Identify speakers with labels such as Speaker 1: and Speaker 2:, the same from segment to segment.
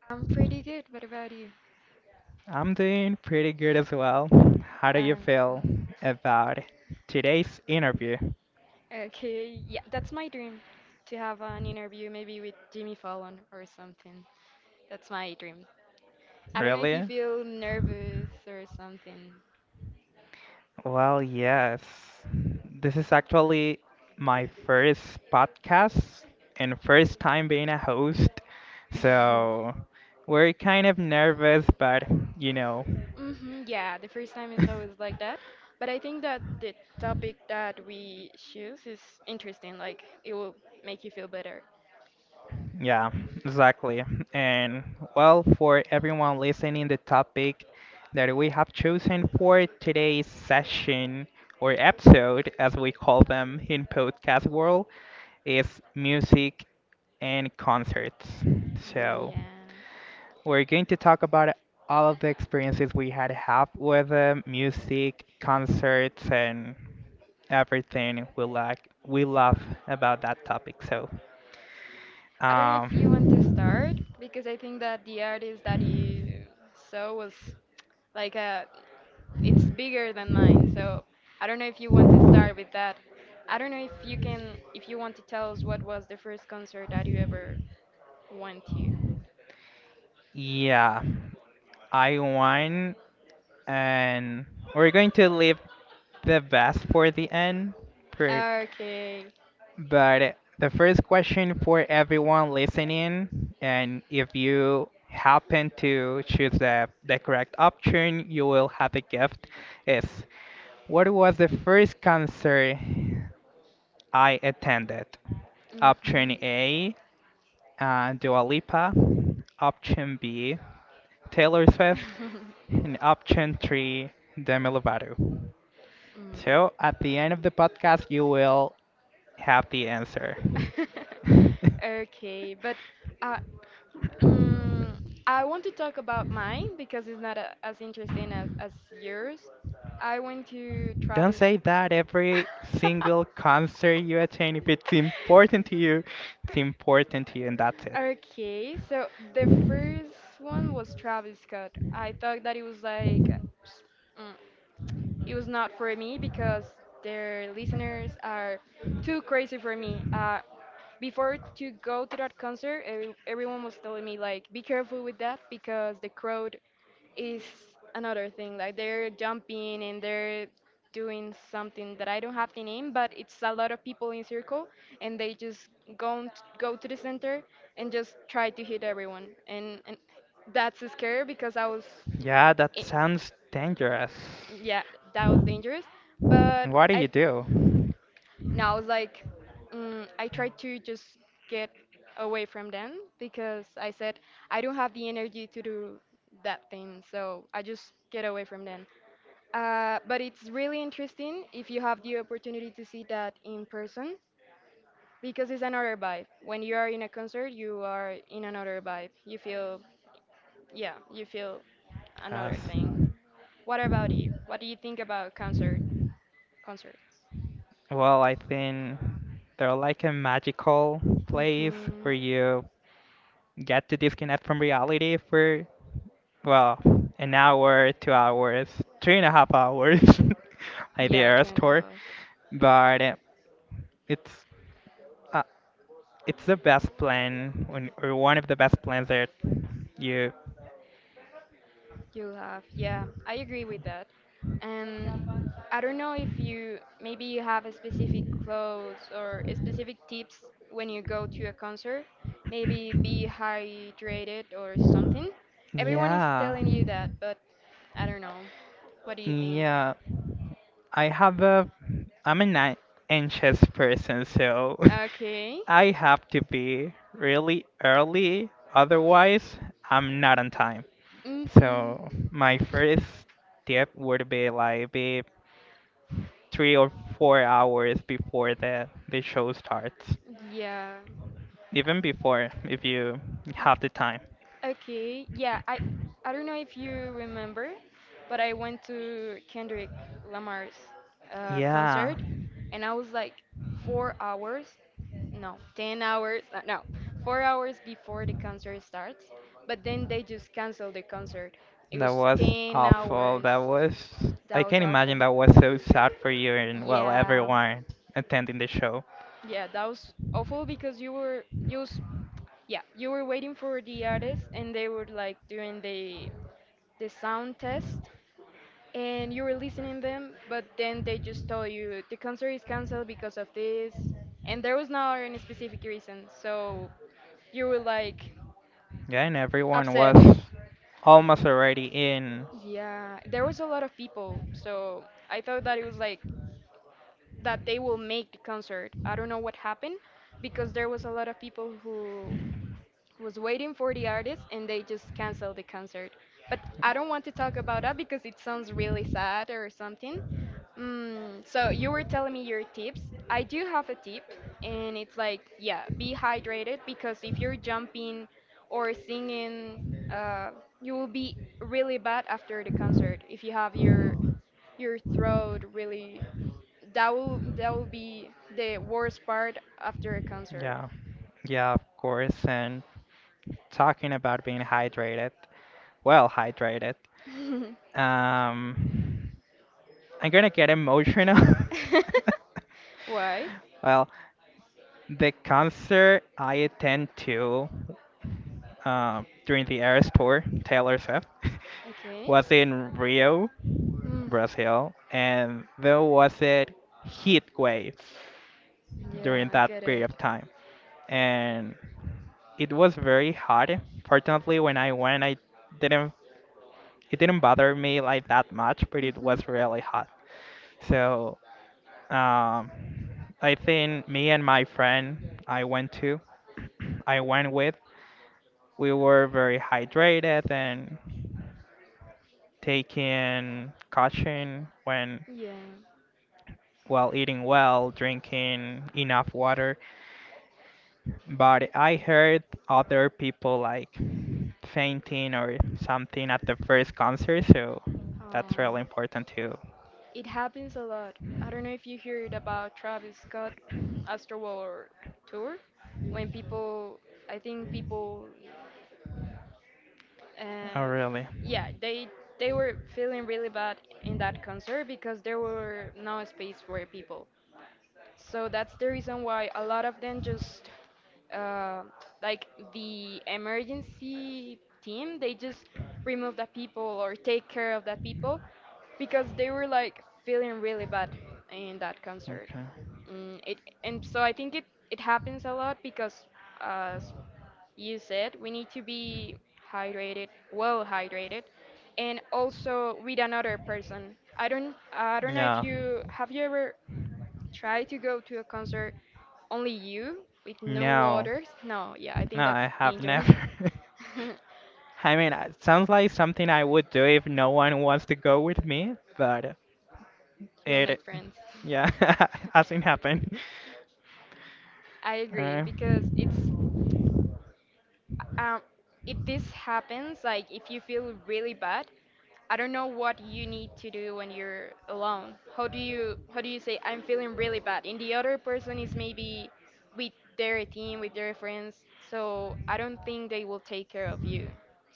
Speaker 1: I'm pretty good. What about you?
Speaker 2: I'm doing pretty good as well. How do you
Speaker 1: Okay.
Speaker 2: feel about today's interview?
Speaker 1: Okay, yeah, that's my dream to have an interview maybe with Jimmy Fallon or something. That's my dream. I don't know if you
Speaker 2: Really?
Speaker 1: feel nervous or something.
Speaker 2: Well, yes. This is actually my first podcast and first time being a host, so we're kind of nervous, but you know.
Speaker 1: Hmm, yeah, the first time is always like that. But I think that the topic that we choose is interesting. Like, it will make you feel better.
Speaker 2: Yeah, exactly. And well, for everyone listening, the topic that we have chosen for today's session or episode, as we call them in podcast world, is music and concerts. So
Speaker 1: Yeah.
Speaker 2: we're going to talk about all of the experiences we had have with music, concerts, and everything we love about that topic. So.
Speaker 1: I don't know if you want to
Speaker 2: Um,
Speaker 1: start because I think that the artist that you saw was like a, it's bigger than mine. So I don't know if you want to start with that. I don't know if you can, if you want to tell us what was the first concert that you ever went to.
Speaker 2: Yeah, I won, and we're going to leave the best for the end. per-
Speaker 1: Okay.
Speaker 2: But the first question for everyone listening, and if you happen to choose the correct option, you will have a gift, is what was the first concert I attended. Option
Speaker 1: Mhm.
Speaker 2: A, Dua Lipa. Option B, Taylor Swift. And option three, Demi Lovato.
Speaker 1: Mm.
Speaker 2: So at the end of the podcast, you will have the answer.
Speaker 1: Okay, but uh, Mm, I want to talk about mine because it's not a, as interesting as yours. I went to
Speaker 2: Don't
Speaker 1: Travis.
Speaker 2: say that every single concert you attend. If it's important to you, it's important to you, and that's it.
Speaker 1: Okay, so the first one was Travis Scott. I thought that it was like, mm, it was not for me because their listeners are too crazy for me. Before to go to that concert, everyone was telling me like, be careful with that because the crowd is another thing. Like they're jumping and they're doing something that I don't have the name, but it's a lot of people in circle, and they just go t- go to the center and just try to hit everyone, and that's scary because I was
Speaker 2: Yeah, that sounds dangerous.
Speaker 1: yeah, that was dangerous. But
Speaker 2: What do
Speaker 1: I
Speaker 2: you do?
Speaker 1: now it's like I tried to just get away from them because I said I don't have the energy to do that thing, so I just get away from them. But it's really interesting if you have the opportunity to see that in person because it's another vibe. When you are in a concert, you are in another vibe. You feel, yeah, you feel another
Speaker 2: Yes.
Speaker 1: thing. What about you? What do you think about concerts?
Speaker 2: Well, I think they're like a magical place
Speaker 1: Hmm.
Speaker 2: where you get to disconnect from reality for, well, an hour, 2 hours, 3.5 hours, like the
Speaker 1: Yeah, two
Speaker 2: Earth
Speaker 1: and a
Speaker 2: tour.
Speaker 1: half.
Speaker 2: But it's uh, it's the best plan when, or one of the best plans that you.
Speaker 1: You have, yeah, I agree with that. And I don't know if you maybe you have a specific clothes or a specific tips when you go to a concert. Maybe be hydrated or something. Everyone is
Speaker 2: Yeah,
Speaker 1: telling you that, but I don't know. What do you think?
Speaker 2: yeah, I have a I'm an anxious person, so
Speaker 1: Okay.
Speaker 2: I have to be really early, otherwise I'm not on time.
Speaker 1: Mhm.
Speaker 2: So my first tip would be like be 3 or 4 hours before the show starts.
Speaker 1: Yeah.
Speaker 2: Even before if you have the time.
Speaker 1: Okay, yeah, I don't know if you remember, but I went to Kendrick Lamar's
Speaker 2: Yeah.
Speaker 1: concert, and I was like 4 hours, no, 10 hours, no, 4 hours before the concert starts. But then they just canceled the concert. It
Speaker 2: That
Speaker 1: was
Speaker 2: was
Speaker 1: ten
Speaker 2: awful.
Speaker 1: hours.
Speaker 2: That was.
Speaker 1: That
Speaker 2: I
Speaker 1: was
Speaker 2: can
Speaker 1: awful.
Speaker 2: imagine that was so sad for you and, well,
Speaker 1: Yeah,
Speaker 2: everyone attending the show.
Speaker 1: yeah, that was awful because you were you was yeah you were waiting for the artist and they were like doing the sound test and you were listening them, but then they just told you the concert is canceled because of this and there was not any specific reason, so you were like
Speaker 2: Yeah, and everyone
Speaker 1: upset.
Speaker 2: was almost already in.
Speaker 1: Yeah, there was a lot of people, so I thought that it was like that they will make the concert. I don't know what happened because there was a lot of people who was waiting for the artist and they just canceled the concert. But I don't want to talk about that because it sounds really sad or something. Mm, so you were telling me your tips. I do have a tip, and it's like, yeah, be hydrated because if you're jumping or singing, uh, you will be really bad after the concert. If you have your throat really, that will be the worst part after a concert.
Speaker 2: Yeah, yeah, of course. And talking about being hydrated, well, hydrated. Um, I'm gonna get emotional.
Speaker 1: Why?
Speaker 2: Well, the concert I attend to. During the Eras tour, Taylor Swift
Speaker 1: Okay.
Speaker 2: was in Rio,
Speaker 1: Mm.
Speaker 2: Brazil, and there was a heat wave
Speaker 1: Yeah,
Speaker 2: during
Speaker 1: I
Speaker 2: that
Speaker 1: get it.
Speaker 2: period of time. And it was very hot. Fortunately, when I went, I didn't it didn't bother me like that much, but it
Speaker 1: Mm-hmm.
Speaker 2: was really hot. So um, I think me and my friend I went to, I went with, we were very hydrated and taking caution when
Speaker 1: Yeah.
Speaker 2: while eating well, drinking enough water. But I heard other people like fainting or something at the first concert, so that's really
Speaker 1: Um,
Speaker 2: important too.
Speaker 1: it happens a lot. I don't know if you heard about Travis Scott Astroworld tour when people I think people
Speaker 2: Oh,
Speaker 1: and
Speaker 2: really?
Speaker 1: yeah, they were feeling really bad in that concert because there were no space for people, so that's the reason why a lot of them just uh, like the emergency team they just remove the people or take care of the people because they were like feeling really bad in that concert.
Speaker 2: Okay.
Speaker 1: Mm, it and so i think it it happens a lot because as you said, we need to be hydrated, well hydrated, and also with another person. I don't know if
Speaker 2: Yeah.
Speaker 1: you have you ever tried to go to a concert only you with no
Speaker 2: No,
Speaker 1: waters? No, yeah, I
Speaker 2: no,
Speaker 1: think that's
Speaker 2: I have
Speaker 1: dangerous.
Speaker 2: never. I mean, it sounds like something I would do if no one wants to go with me, but
Speaker 1: You will make
Speaker 2: it,
Speaker 1: friends.
Speaker 2: yeah, hasn't happened.
Speaker 1: I agree
Speaker 2: Uh,
Speaker 1: because it's Um, if this happens, like if you feel really bad, I don't know what you need to do when you're alone. How do you say I'm feeling really bad? And the other person is maybe with their team, with their friends, so I don't think they will take care of you.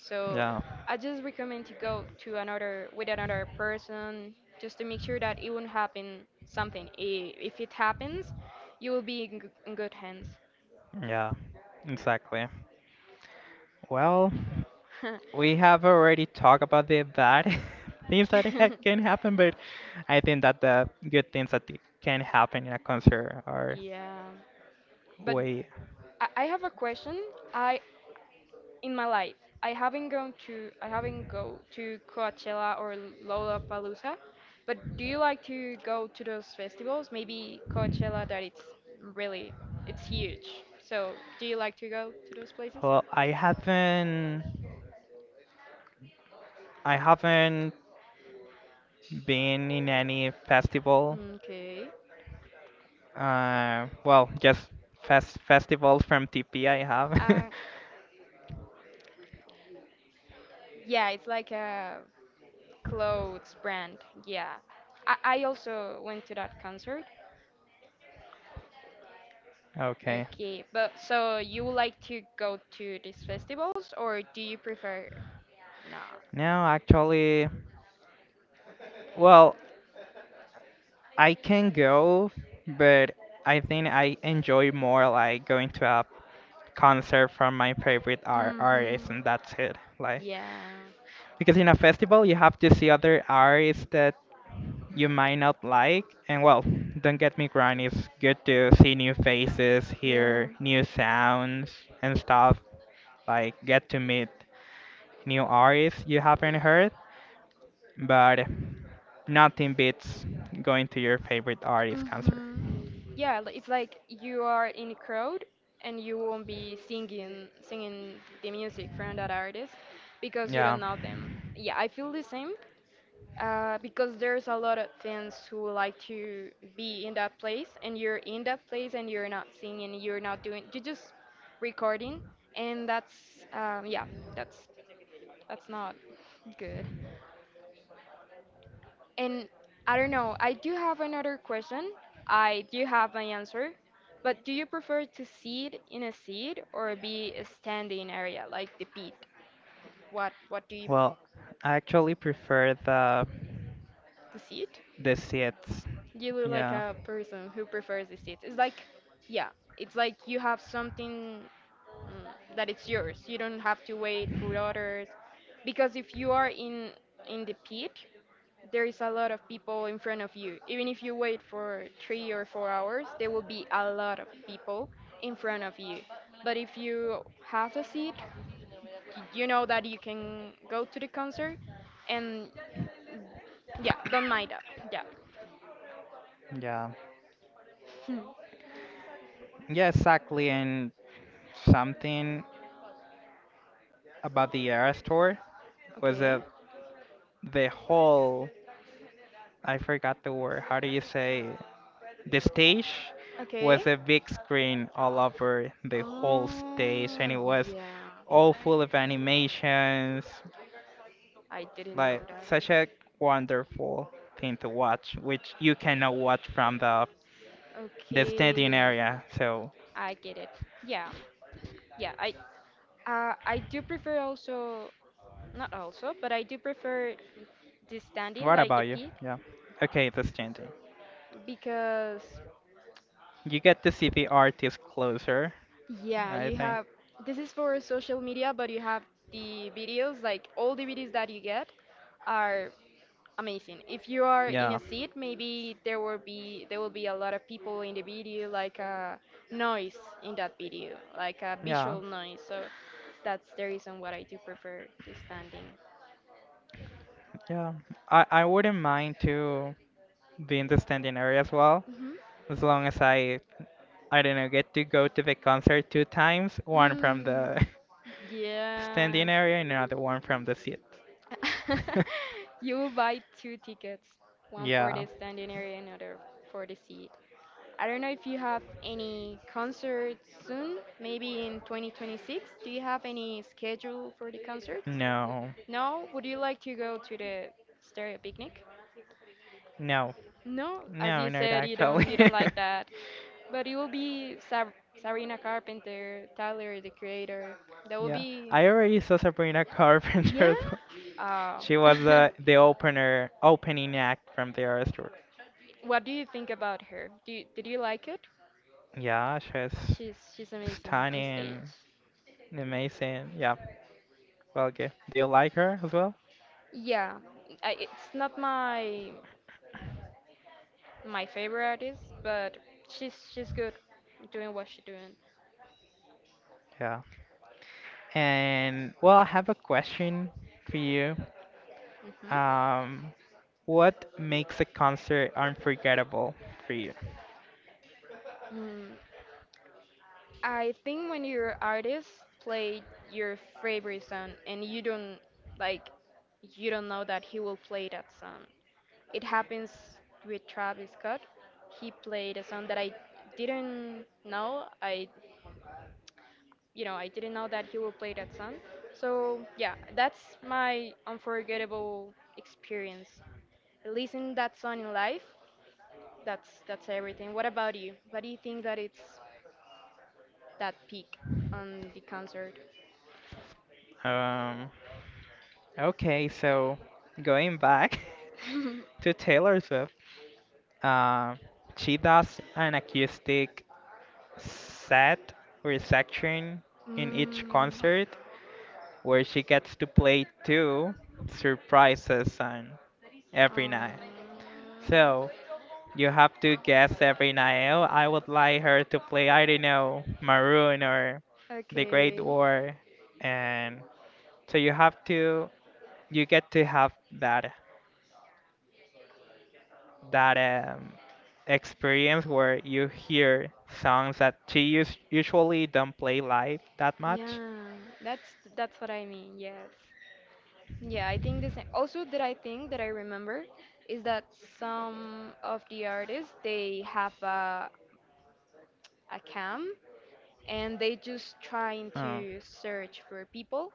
Speaker 1: So
Speaker 2: yeah,
Speaker 1: I just recommend to go to another with another person just to make sure that it won't happen something. If it happens, you will be in in good hands.
Speaker 2: yeah, exactly. Well. We have already talked about the bad things that ha can happen, but I think that the good things that can happen in a concert are
Speaker 1: Yeah, but
Speaker 2: way.
Speaker 1: I have a question. I In my life, I haven't go to Coachella or Lollapalooza, but do you like to go to those festivals? Maybe Coachella, that it's really, it's huge. So, do you like to go to those places?
Speaker 2: Well, I haven't been in any festival.
Speaker 1: Okay.
Speaker 2: Well, just festivals from TP I have.
Speaker 1: Uh, yeah, it's like a clothes brand. Yeah. I also went to that concert.
Speaker 2: Okay.
Speaker 1: Okay, but so you would like to go to these festivals or do you prefer no?
Speaker 2: No, actually, well, I can go, but I think I enjoy more like going to a concert from my favorite artist,
Speaker 1: Mm-hmm.
Speaker 2: and that's it. Like,
Speaker 1: Yeah.
Speaker 2: because in a festival you have to see other artists that you might not like, and well, don't get me wrong, it's good to see new faces,
Speaker 1: Yeah.
Speaker 2: hear new sounds and stuff. Like, get to meet new artists you haven't heard, but nothing beats going to your favorite artist concert.
Speaker 1: Mm-hmm. Yeah, it's like you are in a crowd and you won't be singing the music from that artist because you
Speaker 2: Yeah.
Speaker 1: don't know them. Yeah, I feel the same. Because there's a lot of fans who like to be in that place and you're in that place and you're not doing, you're just recording and that's um, yeah that's that's not good. And I don't know, I do have another question I do have my answer, but do you prefer to sit in a seat or be a standing area like the pit? What do you
Speaker 2: Well, I actually prefer the
Speaker 1: the seat
Speaker 2: the seats.
Speaker 1: You look like
Speaker 2: Yeah,
Speaker 1: a person who prefers the seats. It's like, yeah, it's like you have something, that it's yours. You don't have to wait for others, because if you are in the pit, there is a lot of people in front of you. Even if you wait for 3 or 4 hours, there will be a lot of people in front of you. But if you have a seat, you know that you can go to the concert, and yeah, don't mind that. Yeah.
Speaker 2: yeah, yeah, exactly. And something about the era Store was
Speaker 1: Okay.
Speaker 2: that the whole I forgot the word. How do you say the stage
Speaker 1: Okay.
Speaker 2: was a big screen all over the whole stage, and it
Speaker 1: Oh,
Speaker 2: was
Speaker 1: yeah.
Speaker 2: all full of animations.
Speaker 1: I didn't know
Speaker 2: Like
Speaker 1: that.
Speaker 2: such a wonderful thing to watch, which you cannot watch from the
Speaker 1: Okay.
Speaker 2: standing area. So
Speaker 1: I get it. Yeah. Yeah. I do prefer also, not also, but I do prefer the standing
Speaker 2: what
Speaker 1: like the
Speaker 2: about you?
Speaker 1: pit
Speaker 2: Yeah. Okay, the standing.
Speaker 1: because
Speaker 2: You get to see the artist closer,
Speaker 1: yeah,
Speaker 2: I
Speaker 1: you
Speaker 2: think.
Speaker 1: have, this is for social media, but you have the videos, like all the videos that you get are amazing. If you are in a
Speaker 2: Yeah.
Speaker 1: seat, maybe there will be a lot of people in the video, like a noise in that video, like a
Speaker 2: Yeah.
Speaker 1: visual noise. So that's the reason why I do prefer the standing.
Speaker 2: Yeah. I wouldn't mind to be in the standing area as well,
Speaker 1: Hmm.
Speaker 2: as long as I don't know, get to go to the concert two times, one from
Speaker 1: Mm,
Speaker 2: the
Speaker 1: yeah.
Speaker 2: standing area and another one from the seat.
Speaker 1: You buy two tickets, one for
Speaker 2: Yeah.
Speaker 1: the standing area, another for the seat. I don't know if you have any concerts soon, maybe in 2026. Do you have any schedule for the concerts?
Speaker 2: No.
Speaker 1: No? Would you like to go to the stereo picnic?
Speaker 2: No.
Speaker 1: No, as
Speaker 2: No,
Speaker 1: you
Speaker 2: not
Speaker 1: said, you
Speaker 2: actually.
Speaker 1: don't you don't like that, but it will be Sabrina Carpenter, Tyler the Creator. That will
Speaker 2: Yeah.
Speaker 1: be.
Speaker 2: I already saw Sabrina
Speaker 1: Yeah.
Speaker 2: Carpenter, though.
Speaker 1: Oh.
Speaker 2: She was the opener opening act from the Eras tour.
Speaker 1: What do you think about her? Did you like it?
Speaker 2: Yeah, she's
Speaker 1: She's amazing on stage.
Speaker 2: stunning, amazing. Yeah. Well, okay. Do you like her as well?
Speaker 1: Yeah, it's not my favorite artist, but she's good doing what she's doing.
Speaker 2: Yeah. And well, I have a question for you. Um, what makes a concert unforgettable for you?
Speaker 1: Hmm. I think when your artist play your favorite song and you don't like, you don't know that he will play that song. It happens with Travis Scott. He played a song that I didn't know. I You know, I didn't know that he will play that song. So, yeah, that's my unforgettable experience. Listen that song in live. That's everything. What about you? What do you think that it's that peak on the concert?
Speaker 2: Um, okay, so going back to Taylor Swift, um, she does an acoustic set or section in each
Speaker 1: Mm.
Speaker 2: concert where she gets to play two surprises on every night.
Speaker 1: Oh.
Speaker 2: So, you have to guess every night. Oh, I would like her to play, I don't know, Maroon or The Great
Speaker 1: Okay.
Speaker 2: War. And so you have to, you get to have that um, experience where you hear songs that she usually don't play live that much.
Speaker 1: Yeah, that's that's what I mean. Yes. Yeah, I think the same. Also, that I think that I remember is that some of the artists they have a cam and they just trying
Speaker 2: Oh.
Speaker 1: to search for people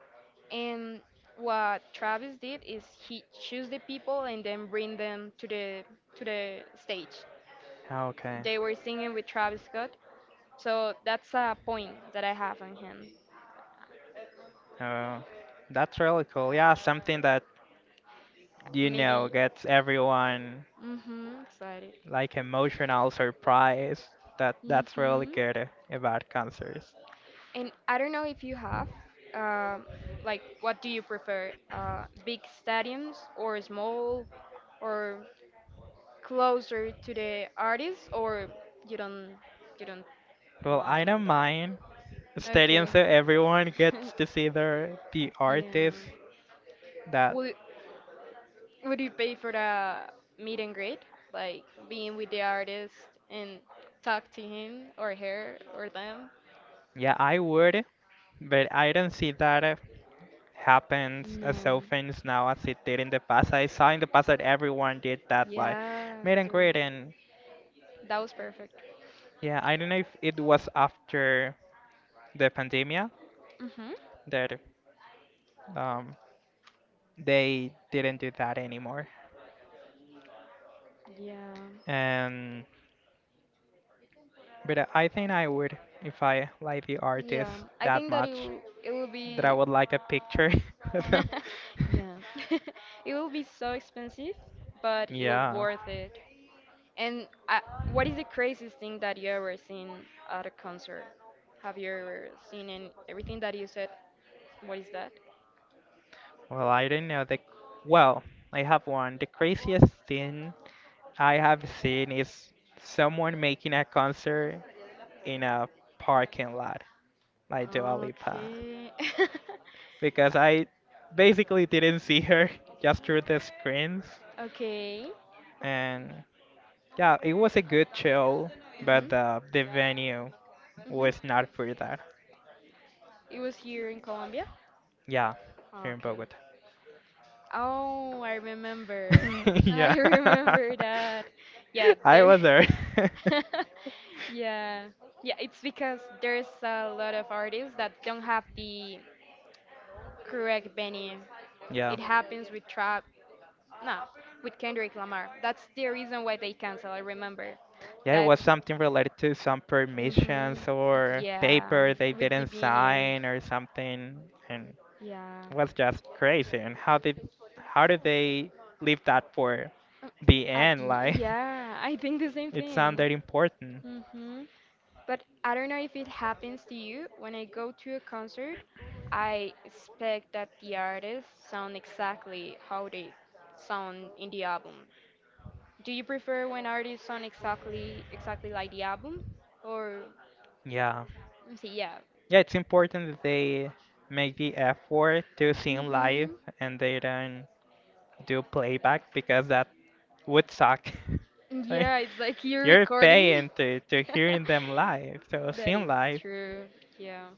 Speaker 1: and what Travis did is he choose the people and then bring them to the stage.
Speaker 2: Ah, okay.
Speaker 1: They were singing with Travis Scott, so that's a point that I have on him.
Speaker 2: Oh, that's really cool. Yeah, something that
Speaker 1: Maybe.
Speaker 2: gets everyone,
Speaker 1: Mhm. Excited.
Speaker 2: like, emotional surprise, that's really
Speaker 1: Mhm.
Speaker 2: good about concerts.
Speaker 1: And I don't know if you have, um, like, what do you prefer, big stadiums or small, or closer to the artist or you don't you don't
Speaker 2: Well, I
Speaker 1: mind
Speaker 2: don't
Speaker 1: that?
Speaker 2: mind stadiums
Speaker 1: Okay.
Speaker 2: so everyone gets to see the
Speaker 1: Yeah.
Speaker 2: artist. That,
Speaker 1: Would would you pay for the meet and greet? Like being with the artist and talk to him or her or them?
Speaker 2: yeah, I would, but I don't see that happens as
Speaker 1: No.
Speaker 2: often now as it did in the past. I saw in the past that everyone did that, like
Speaker 1: Yeah,
Speaker 2: meet and greet,
Speaker 1: dude.
Speaker 2: and
Speaker 1: That was perfect.
Speaker 2: yeah, I don't know if it was after the pandemic
Speaker 1: Mhm.
Speaker 2: that um they didn't do that anymore.
Speaker 1: Yeah.
Speaker 2: Um, but I think I would, if I like the artist
Speaker 1: Yeah, I
Speaker 2: that
Speaker 1: think that it
Speaker 2: much,
Speaker 1: will, it will
Speaker 2: that I
Speaker 1: be.
Speaker 2: would like a picture of them.
Speaker 1: Yeah, it will be so expensive, but it will
Speaker 2: Yeah.
Speaker 1: worth it. And what is the craziest thing that you ever seen at a concert? Have you ever seen and everything that you said? What is that?
Speaker 2: Well, I don't know the. Well, I have one. The craziest thing I have seen is someone making a concert in a parking lot, like Dua Lipa,
Speaker 1: Okay.
Speaker 2: because I basically didn't see her just through the screens,
Speaker 1: Okay.
Speaker 2: and yeah, it was a good show, but
Speaker 1: Mhm.
Speaker 2: the venue
Speaker 1: Mhm.
Speaker 2: was not for that.
Speaker 1: It was here in Colombia.
Speaker 2: Yeah, here in
Speaker 1: Okay.
Speaker 2: Bogota.
Speaker 1: Oh, I remember. I
Speaker 2: Yeah,
Speaker 1: remember that. Yeah,
Speaker 2: I
Speaker 1: there.
Speaker 2: was there.
Speaker 1: Yeah. Yeah, it's because there's a lot of artists that don't have the correct venue.
Speaker 2: Yeah.
Speaker 1: It happens with Trap, no, with Kendrick Lamar. That's the reason why they cancel, I remember.
Speaker 2: Yeah, it
Speaker 1: That
Speaker 2: was something related to some
Speaker 1: hmm
Speaker 2: permissions or
Speaker 1: Yeah,
Speaker 2: paper they
Speaker 1: with the
Speaker 2: didn't
Speaker 1: venue.
Speaker 2: sign or something, and
Speaker 1: Yeah.
Speaker 2: it was just crazy. And how did they leave that for the
Speaker 1: At
Speaker 2: end?
Speaker 1: the,
Speaker 2: Like,
Speaker 1: yeah, I think the same
Speaker 2: it
Speaker 1: thing.
Speaker 2: sounded important.
Speaker 1: Hmm. But I don't know if it happens to you. When I go to a concert, I expect that the artists sound exactly how they sound in the album. Do you prefer when artists sound exactly like the album, or
Speaker 2: Yeah.
Speaker 1: let me see, yeah?
Speaker 2: Yeah, it's important that they make the effort to sing live
Speaker 1: Hmm.
Speaker 2: and they don't do playback because that would suck. Like,
Speaker 1: Yeah, it's like you're
Speaker 2: you're
Speaker 1: recording.
Speaker 2: paying to hearing them live, so
Speaker 1: That is
Speaker 2: seeing live.
Speaker 1: true. Yeah.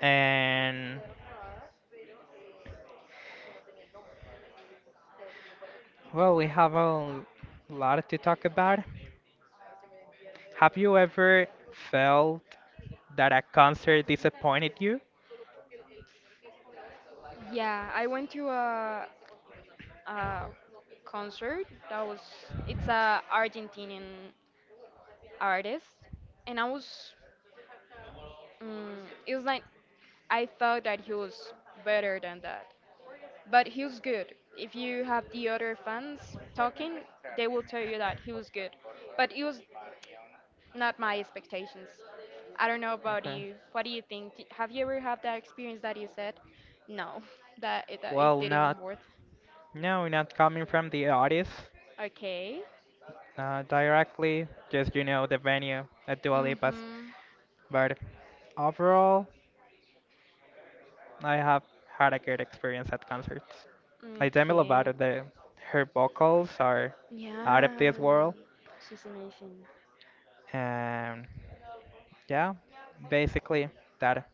Speaker 2: And well, we have a lot to talk about. Have you ever felt that a concert disappointed you?
Speaker 1: Yeah, I went to a concert that was it's a Argentinian artist and it was like I thought that he was better than that. But he was good. If you have the other fans talking, they will tell you that he was good. But it was not my expectations. I don't know about
Speaker 2: Okay.
Speaker 1: you. What do you think? Have you ever had that experience that you said, no, that it
Speaker 2: Well, not
Speaker 1: didn't work?
Speaker 2: no, not coming from the artist
Speaker 1: Okay.
Speaker 2: directly, just the venue at Dua Lipa's.
Speaker 1: Mm-hmm.
Speaker 2: But overall, I have had a great experience at concerts. Like Demi
Speaker 1: Okay.
Speaker 2: Lovato, her vocals are out of
Speaker 1: Yeah,
Speaker 2: this world,
Speaker 1: she's amazing.
Speaker 2: and yeah, basically that.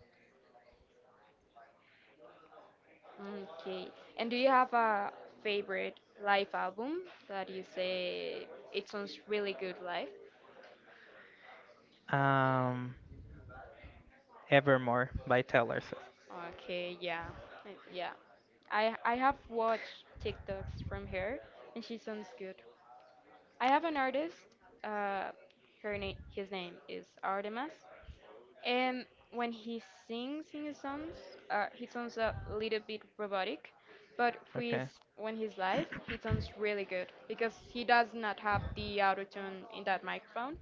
Speaker 1: Okay. And do you have a favorite live album that you say it sounds really good live?
Speaker 2: Um, Evermore by Taylor Swift.
Speaker 1: Okay, yeah, yeah. I have watched TikToks from her, and she sounds good. I have an artist. Uh, his name is Artemas, and when he sings in his songs, he sounds a little bit robotic, but with
Speaker 2: Okay.
Speaker 1: when he's live, he sounds really good because he does not have the auto tune in that microphone,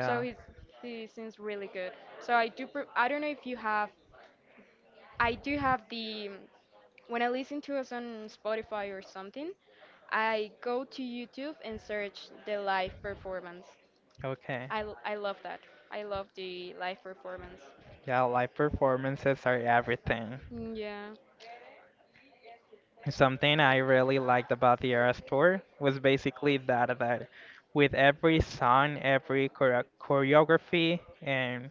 Speaker 1: so he sings really good. So I do. I don't know if you have. I do have the When I listen to us on Spotify or something, I go to YouTube and search the live performance.
Speaker 2: Okay.
Speaker 1: I love that. I love the live performance.
Speaker 2: Yeah, live performances are everything.
Speaker 1: Mm, yeah.
Speaker 2: Something I really liked about the Eras tour was basically that with every song, every choreography and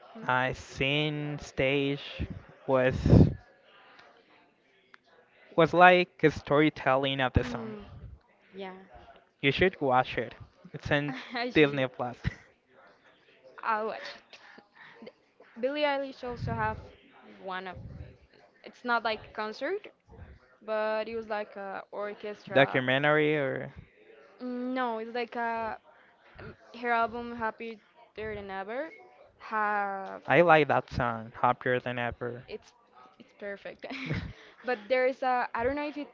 Speaker 1: Hmm?
Speaker 2: scene stage was was like a storytelling of the song.
Speaker 1: Mm, yeah.
Speaker 2: You should watch it. It's in
Speaker 1: I should.
Speaker 2: Disney Plus.
Speaker 1: I'll watch. Billie Eilish also have one of. It's not like concert, but it was like a orchestra.
Speaker 2: Documentary or?
Speaker 1: Mm, no, it's like a Her album Happier Than Ever have
Speaker 2: I like that song, Happier Than Ever.
Speaker 1: it's it's perfect. But there is a I don't know if it's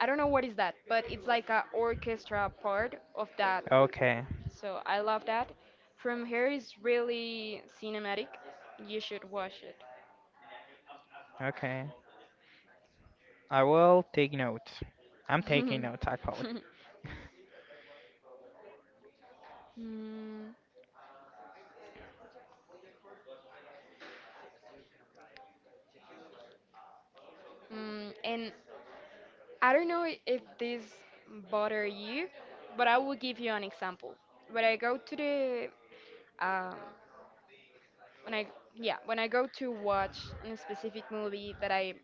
Speaker 1: I don't know what is that, but it's like a orchestra part of that.
Speaker 2: Okay,
Speaker 1: So I love that. From here is really cinematic. You should watch
Speaker 2: okay. I will take notes. I'm taking
Speaker 1: it.
Speaker 2: notes actually.
Speaker 1: Mm, and I don't know if this bother you, but I will give you an example. When I go to the um, when I yeah when I go to watch a specific movie that I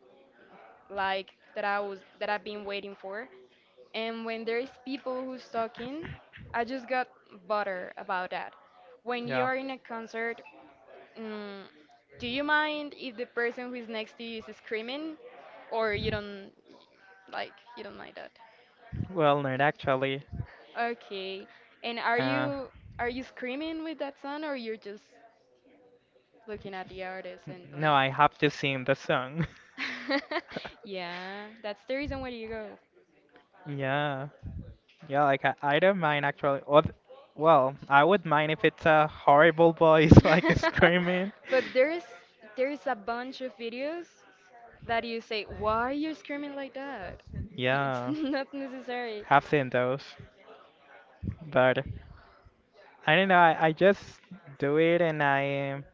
Speaker 1: like that I've been waiting for, and when there's people who's talking, I just got butter about that. When you
Speaker 2: Yeah.
Speaker 1: are in a concert, mm, do you mind if the person who is next to you is screaming, or you don't mind that?
Speaker 2: Well, not actually.
Speaker 1: Okay, and are
Speaker 2: Uh,
Speaker 1: you are you screaming with that song or you're just looking at the artist
Speaker 2: n-
Speaker 1: and don't.
Speaker 2: no, I have to sing the song.
Speaker 1: Yeah, that's the reason why you go.
Speaker 2: Yeah. Yeah, like I don't mind actually. Or, well, I would mind if it's a horrible voice like screaming.
Speaker 1: But there's a bunch of videos that you say, why are you screaming like that? It's
Speaker 2: Yeah,
Speaker 1: not necessary.
Speaker 2: have seen those, but I don't know. I just do it, and I um,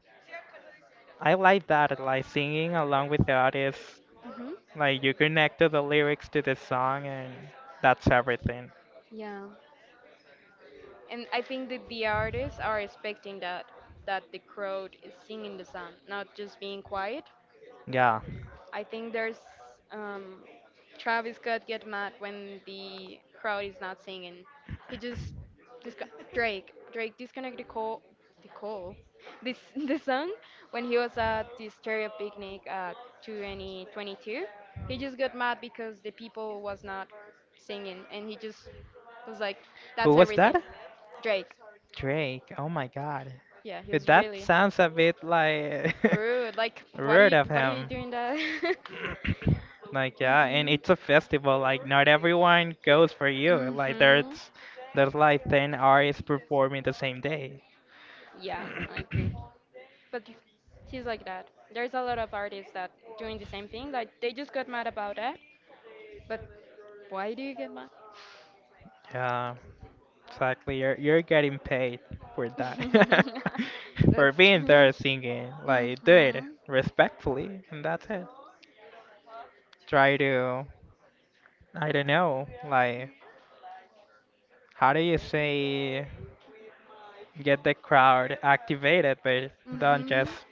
Speaker 2: I like that, like singing along with the artist.
Speaker 1: Hmm.
Speaker 2: Like you connect to the lyrics to the song, and that's everything.
Speaker 1: Yeah. And I think that the artists are expecting that the crowd is singing the song, not just being quiet.
Speaker 2: Yeah.
Speaker 1: I think there's um, Travis Scott get mad when the crowd is not singing. He just disco- Drake disconnected the call this the song when he was at the stereo picnic at 2022. He just got mad because the people was not singing, and he just was like,
Speaker 2: Who
Speaker 1: "That's
Speaker 2: was
Speaker 1: everything."
Speaker 2: that?
Speaker 1: Drake.
Speaker 2: Drake. Oh my God.
Speaker 1: Yeah, he was
Speaker 2: That
Speaker 1: really
Speaker 2: sounds a bit like
Speaker 1: rude. Like, what are
Speaker 2: rude
Speaker 1: you,
Speaker 2: of
Speaker 1: what are you
Speaker 2: him.
Speaker 1: doing that?
Speaker 2: Like yeah, and it's a festival. Like not everyone goes for you.
Speaker 1: Hmm.
Speaker 2: Like
Speaker 1: Hmm.
Speaker 2: there's like 10 artists performing the same day.
Speaker 1: Yeah, I agree. But he's like that. There's a lot of artists that doing the same thing. Like, they just got mad about that. But why do you get mad?
Speaker 2: Yeah, exactly. You're getting paid for that.
Speaker 1: That's
Speaker 2: For being there
Speaker 1: true.
Speaker 2: singing.
Speaker 1: Hmm.
Speaker 2: Like do it respectfully and that's it. Try to, I don't know, like, how do you say, get the crowd activated, but don't
Speaker 1: Hmm.
Speaker 2: just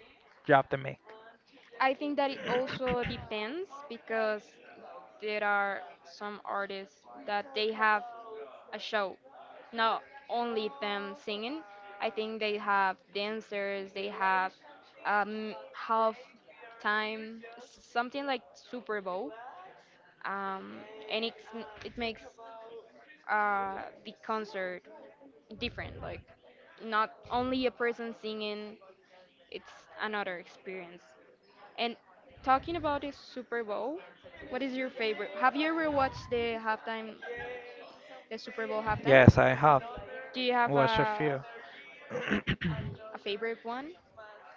Speaker 2: drop the mic.
Speaker 1: I think that it also depends because there are some artists that they have a show, not only them singing. I think they have dancers, they have half time, something like Super Bowl, um, and it makes uh, the concert different. Like not only a person singing, it's another experience. And talking about the Super Bowl, what is your favorite? Have you ever watched the halftime the Super Bowl halftime.
Speaker 2: Yes, I have
Speaker 1: Do you have
Speaker 2: watched a
Speaker 1: a,
Speaker 2: few.
Speaker 1: a favorite one?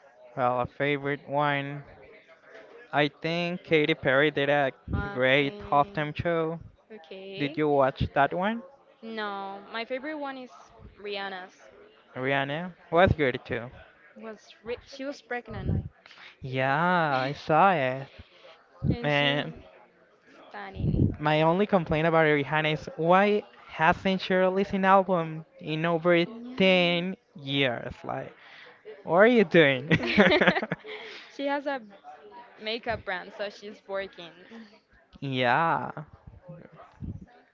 Speaker 2: Well, a favorite one. I think Katy Perry did a great
Speaker 1: Okay.
Speaker 2: halftime show. Did
Speaker 1: Okay.
Speaker 2: you watch that one?
Speaker 1: No, my favorite one is Rihanna's.
Speaker 2: Rihanna was good too.
Speaker 1: She was pregnant
Speaker 2: Yeah, I saw it.
Speaker 1: and she was
Speaker 2: Man,
Speaker 1: stunning.
Speaker 2: my only complaint about Rihanna is why hasn't she released an album in over
Speaker 1: Yeah.
Speaker 2: 10 years? Like, what are you doing?
Speaker 1: She has a makeup brand, so she's working.
Speaker 2: Yeah.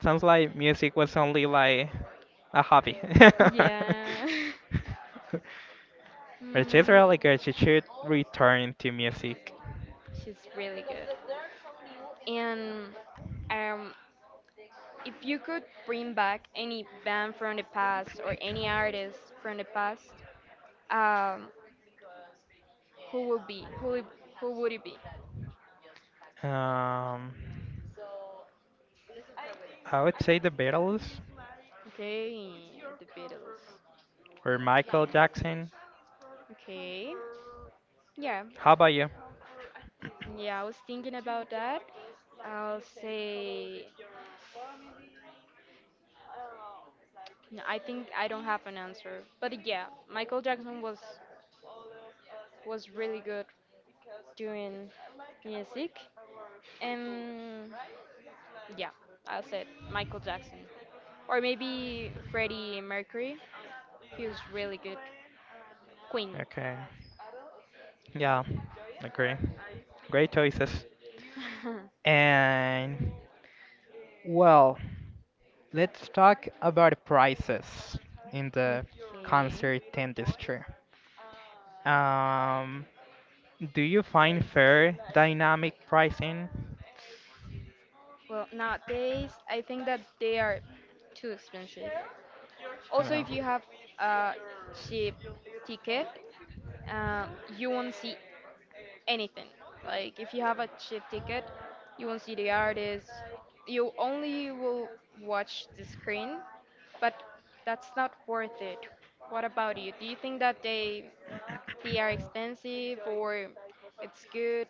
Speaker 2: Sounds like music was only like a hobby.
Speaker 1: Yeah.
Speaker 2: But she's
Speaker 1: Mm.
Speaker 2: really good. She should return to music.
Speaker 1: She's really good. And um, if you could bring back any band from the past or any artist from the past, um, who would be who would- who would it be?
Speaker 2: Um, I would say the Beatles
Speaker 1: Okay, the Beatles.
Speaker 2: or
Speaker 1: Okay.
Speaker 2: Michael Jackson.
Speaker 1: Okay. Yeah.
Speaker 2: How about you?
Speaker 1: Yeah, I was thinking about that. I'll say no, I think I don't have an answer. But yeah, Michael Jackson was really good doing music. And yeah, I said Michael Jackson. Or maybe Freddie Mercury. He was really good. Queen.
Speaker 2: Okay. Yeah, agree. Great choices. And well, let's talk about prices in the
Speaker 1: Okay.
Speaker 2: concert industry. Um, do you find fair dynamic pricing?
Speaker 1: Well, nowadays, I think that they are too expensive. Also,
Speaker 2: Well,
Speaker 1: if you have a cheap ticket, uh, you won't see anything. Like if you have a cheap ticket, you won't see the artist. You only will watch the screen, but that's not worth it. What about you? Do you think that they are expensive or it's good?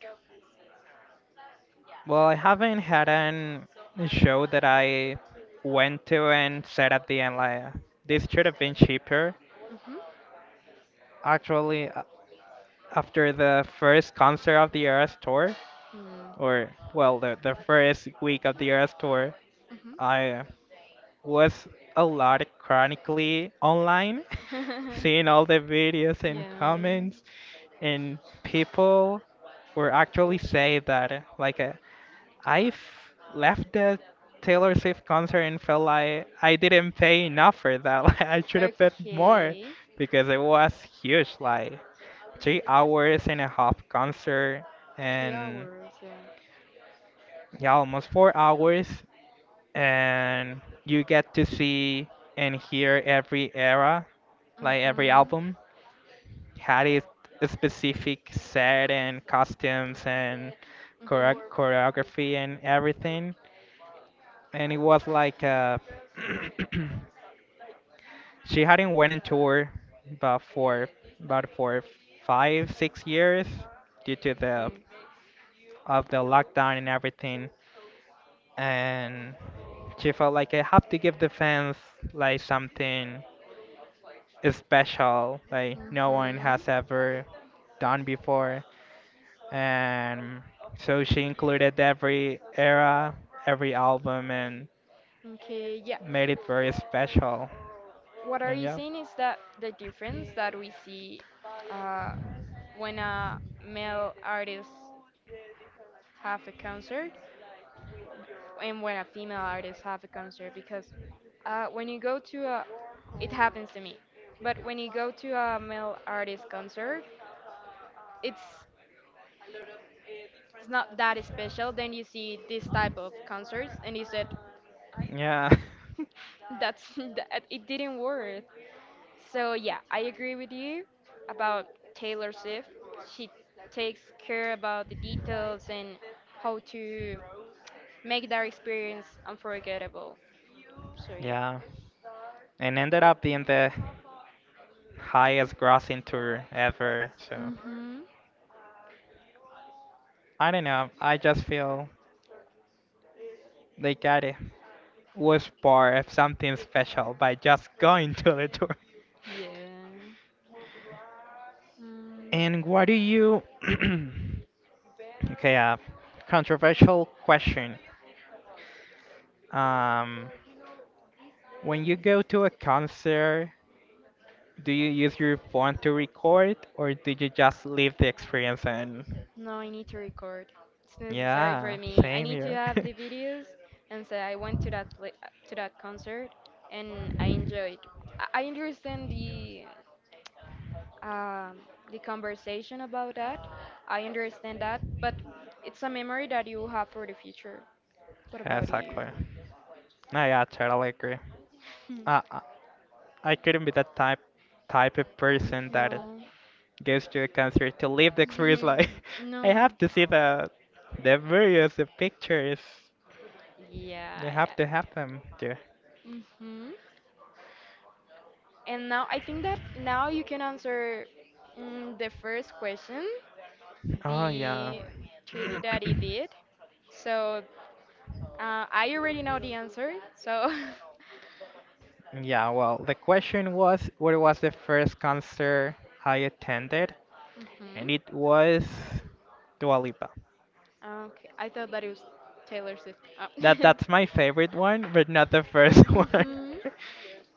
Speaker 2: well, I haven't had an show that I went to and said at the end like this should have been cheaper.
Speaker 1: Mhm.
Speaker 2: Actually, after the first concert of the Eras tour,
Speaker 1: Hmm.
Speaker 2: or well, the first week of the Eras tour, I was a lot chronically online,
Speaker 1: Mhm.
Speaker 2: seeing all the videos and comments, and people were actually say that like I've left the Taylor Swift concert and felt like I didn't pay enough
Speaker 1: Yeah.
Speaker 2: for that. Like I should have paid more
Speaker 1: Okay.
Speaker 2: because it was huge, like 3 hours and a half concert
Speaker 1: Three
Speaker 2: and
Speaker 1: hours, yeah.
Speaker 2: yeah, almost 4 hours and you get to see and hear every era, like every
Speaker 1: Mm-hmm.
Speaker 2: album had its specific set and costumes and
Speaker 1: Mm-hmm. Okay.
Speaker 2: choreography and everything. And it was like she hadn't went on tour about for about for 5 6 years due to the of the lockdown and everything and she felt like I have to give the fans like something special, like no one
Speaker 1: Mm-hmm.
Speaker 2: has ever done before. And so she included every era, every album, and
Speaker 1: Okay, yeah.
Speaker 2: made it very special.
Speaker 1: What are
Speaker 2: And
Speaker 1: you
Speaker 2: yeah,
Speaker 1: saying is that the difference that we see uh, when a male artist have a concert and when a female artist have a concert, because when you go to a it happens to me, but when you go to a male artist concert, it's it's not that special. Then you see this type of concerts and you said
Speaker 2: yeah,
Speaker 1: that's that it didn't work. So yeah, I agree with you about Taylor Swift. She takes care about the details and how to make that experience unforgettable. So yeah.
Speaker 2: yeah. And ended up being the highest grossing tour ever. So
Speaker 1: Mhm.
Speaker 2: I don't know, I just feel they got it. Was part of something special by just going to the tour.
Speaker 1: Yeah.
Speaker 2: And
Speaker 1: Mm,
Speaker 2: what do you. Okay, controversial question. Um, when you go to a concert, do you use your phone to record or do you just live the experience and
Speaker 1: no, I need to record. It's necessary for
Speaker 2: yeah,
Speaker 1: me. I
Speaker 2: same
Speaker 1: need to
Speaker 2: here.
Speaker 1: have the videos and say I went to that pla to that concert and I enjoyed. I understand um, the conversation about that. I understand that, but it's a memory that you have for the future. What
Speaker 2: Yeah,
Speaker 1: about you?
Speaker 2: exactly. No, yeah, I totally agree. I, I I couldn't be that type of person that
Speaker 1: No.
Speaker 2: goes to a concert to live the experience. Like, I
Speaker 1: No.
Speaker 2: have to see the videos, the pictures. You have
Speaker 1: Yeah.
Speaker 2: to have them there.
Speaker 1: Mm-hmm. And now I think that now you can answer the first question,
Speaker 2: Oh yeah.
Speaker 1: the trivia that he did. So I already know the answer. So
Speaker 2: Yeah, well, the question was what was the first concert I attended,
Speaker 1: Mhm.
Speaker 2: and it was Dua Lipa.
Speaker 1: Okay, I thought that it was Taylor Swift. Oh.
Speaker 2: That's my favorite one, but not the first one.
Speaker 1: Mhm.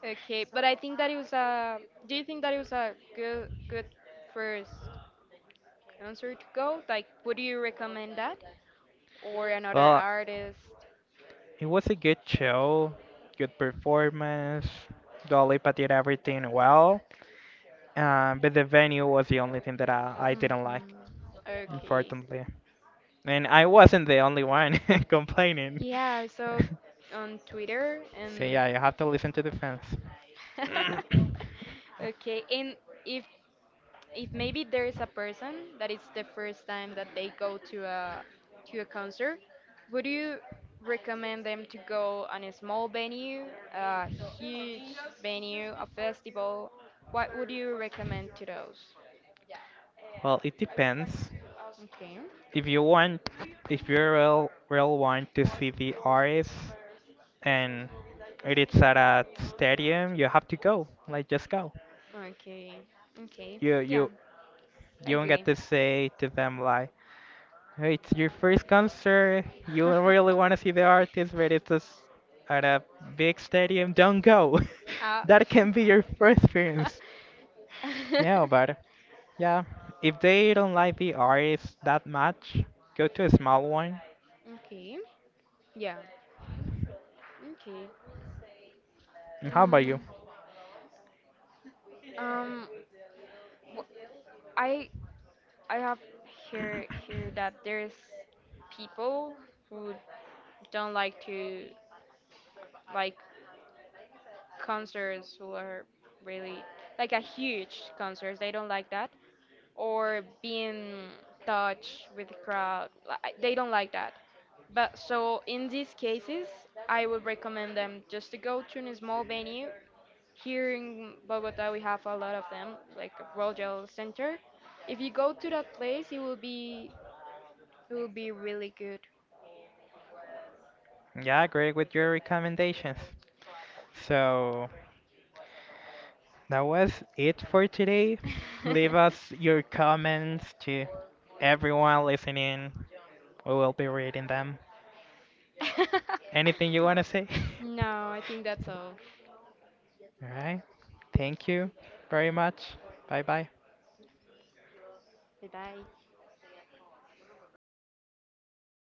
Speaker 1: Okay, but I think that it was a. Do you think that it was a good first concert to go? Like, would you recommend that or another
Speaker 2: Well,
Speaker 1: artist?
Speaker 2: it was a good show, good performance. Dua Lipa did everything well, but the venue was the only thing that I didn't like,
Speaker 1: Hmm. Okay.
Speaker 2: unfortunately. And I wasn't the only one complaining.
Speaker 1: Yeah, so on Twitter
Speaker 2: So
Speaker 1: and
Speaker 2: yeah, you have to listen to the fans.
Speaker 1: okay, and if if maybe there is a person that it's the first time that they go to a concert, would you recommend them to go on a small venue, a huge venue, a festival? What would you recommend to those?
Speaker 2: Well, it depends.
Speaker 1: Okay.
Speaker 2: If you want, if you real want to see the artist and it is at a stadium, you have to go. Like, just go.
Speaker 1: Okay. Okay.
Speaker 2: You
Speaker 1: Yeah,
Speaker 2: you
Speaker 1: I
Speaker 2: you don't get
Speaker 1: agree.
Speaker 2: to say to them like, "Hey, it's your first concert. You don't really want to see the artist, but it's just at a big stadium. Don't go."
Speaker 1: Ah.
Speaker 2: That can be your first experience. No, but yeah, if they don't like the artist that much, go to a small one.
Speaker 1: Okay. Yeah. Okay.
Speaker 2: And how about you?
Speaker 1: Mm, um, wh- I I have hear that there's people who don't like to like concerts who are really like a huge concerts. They don't like that. Or being touched with the crowd. They don't like that. But so in these cases, I would recommend them just to go to a small venue. Here in Bogota, we have a lot of them, like Royal Center. If you go to that place, it will be really good.
Speaker 2: Yeah, I agree with your recommendations. So that was it for today. Leave us your comments to everyone listening. We will be reading them. Anything you want to say?
Speaker 1: No, I think that's all.
Speaker 2: All right. Thank you very much. Bye bye.
Speaker 1: Bye bye.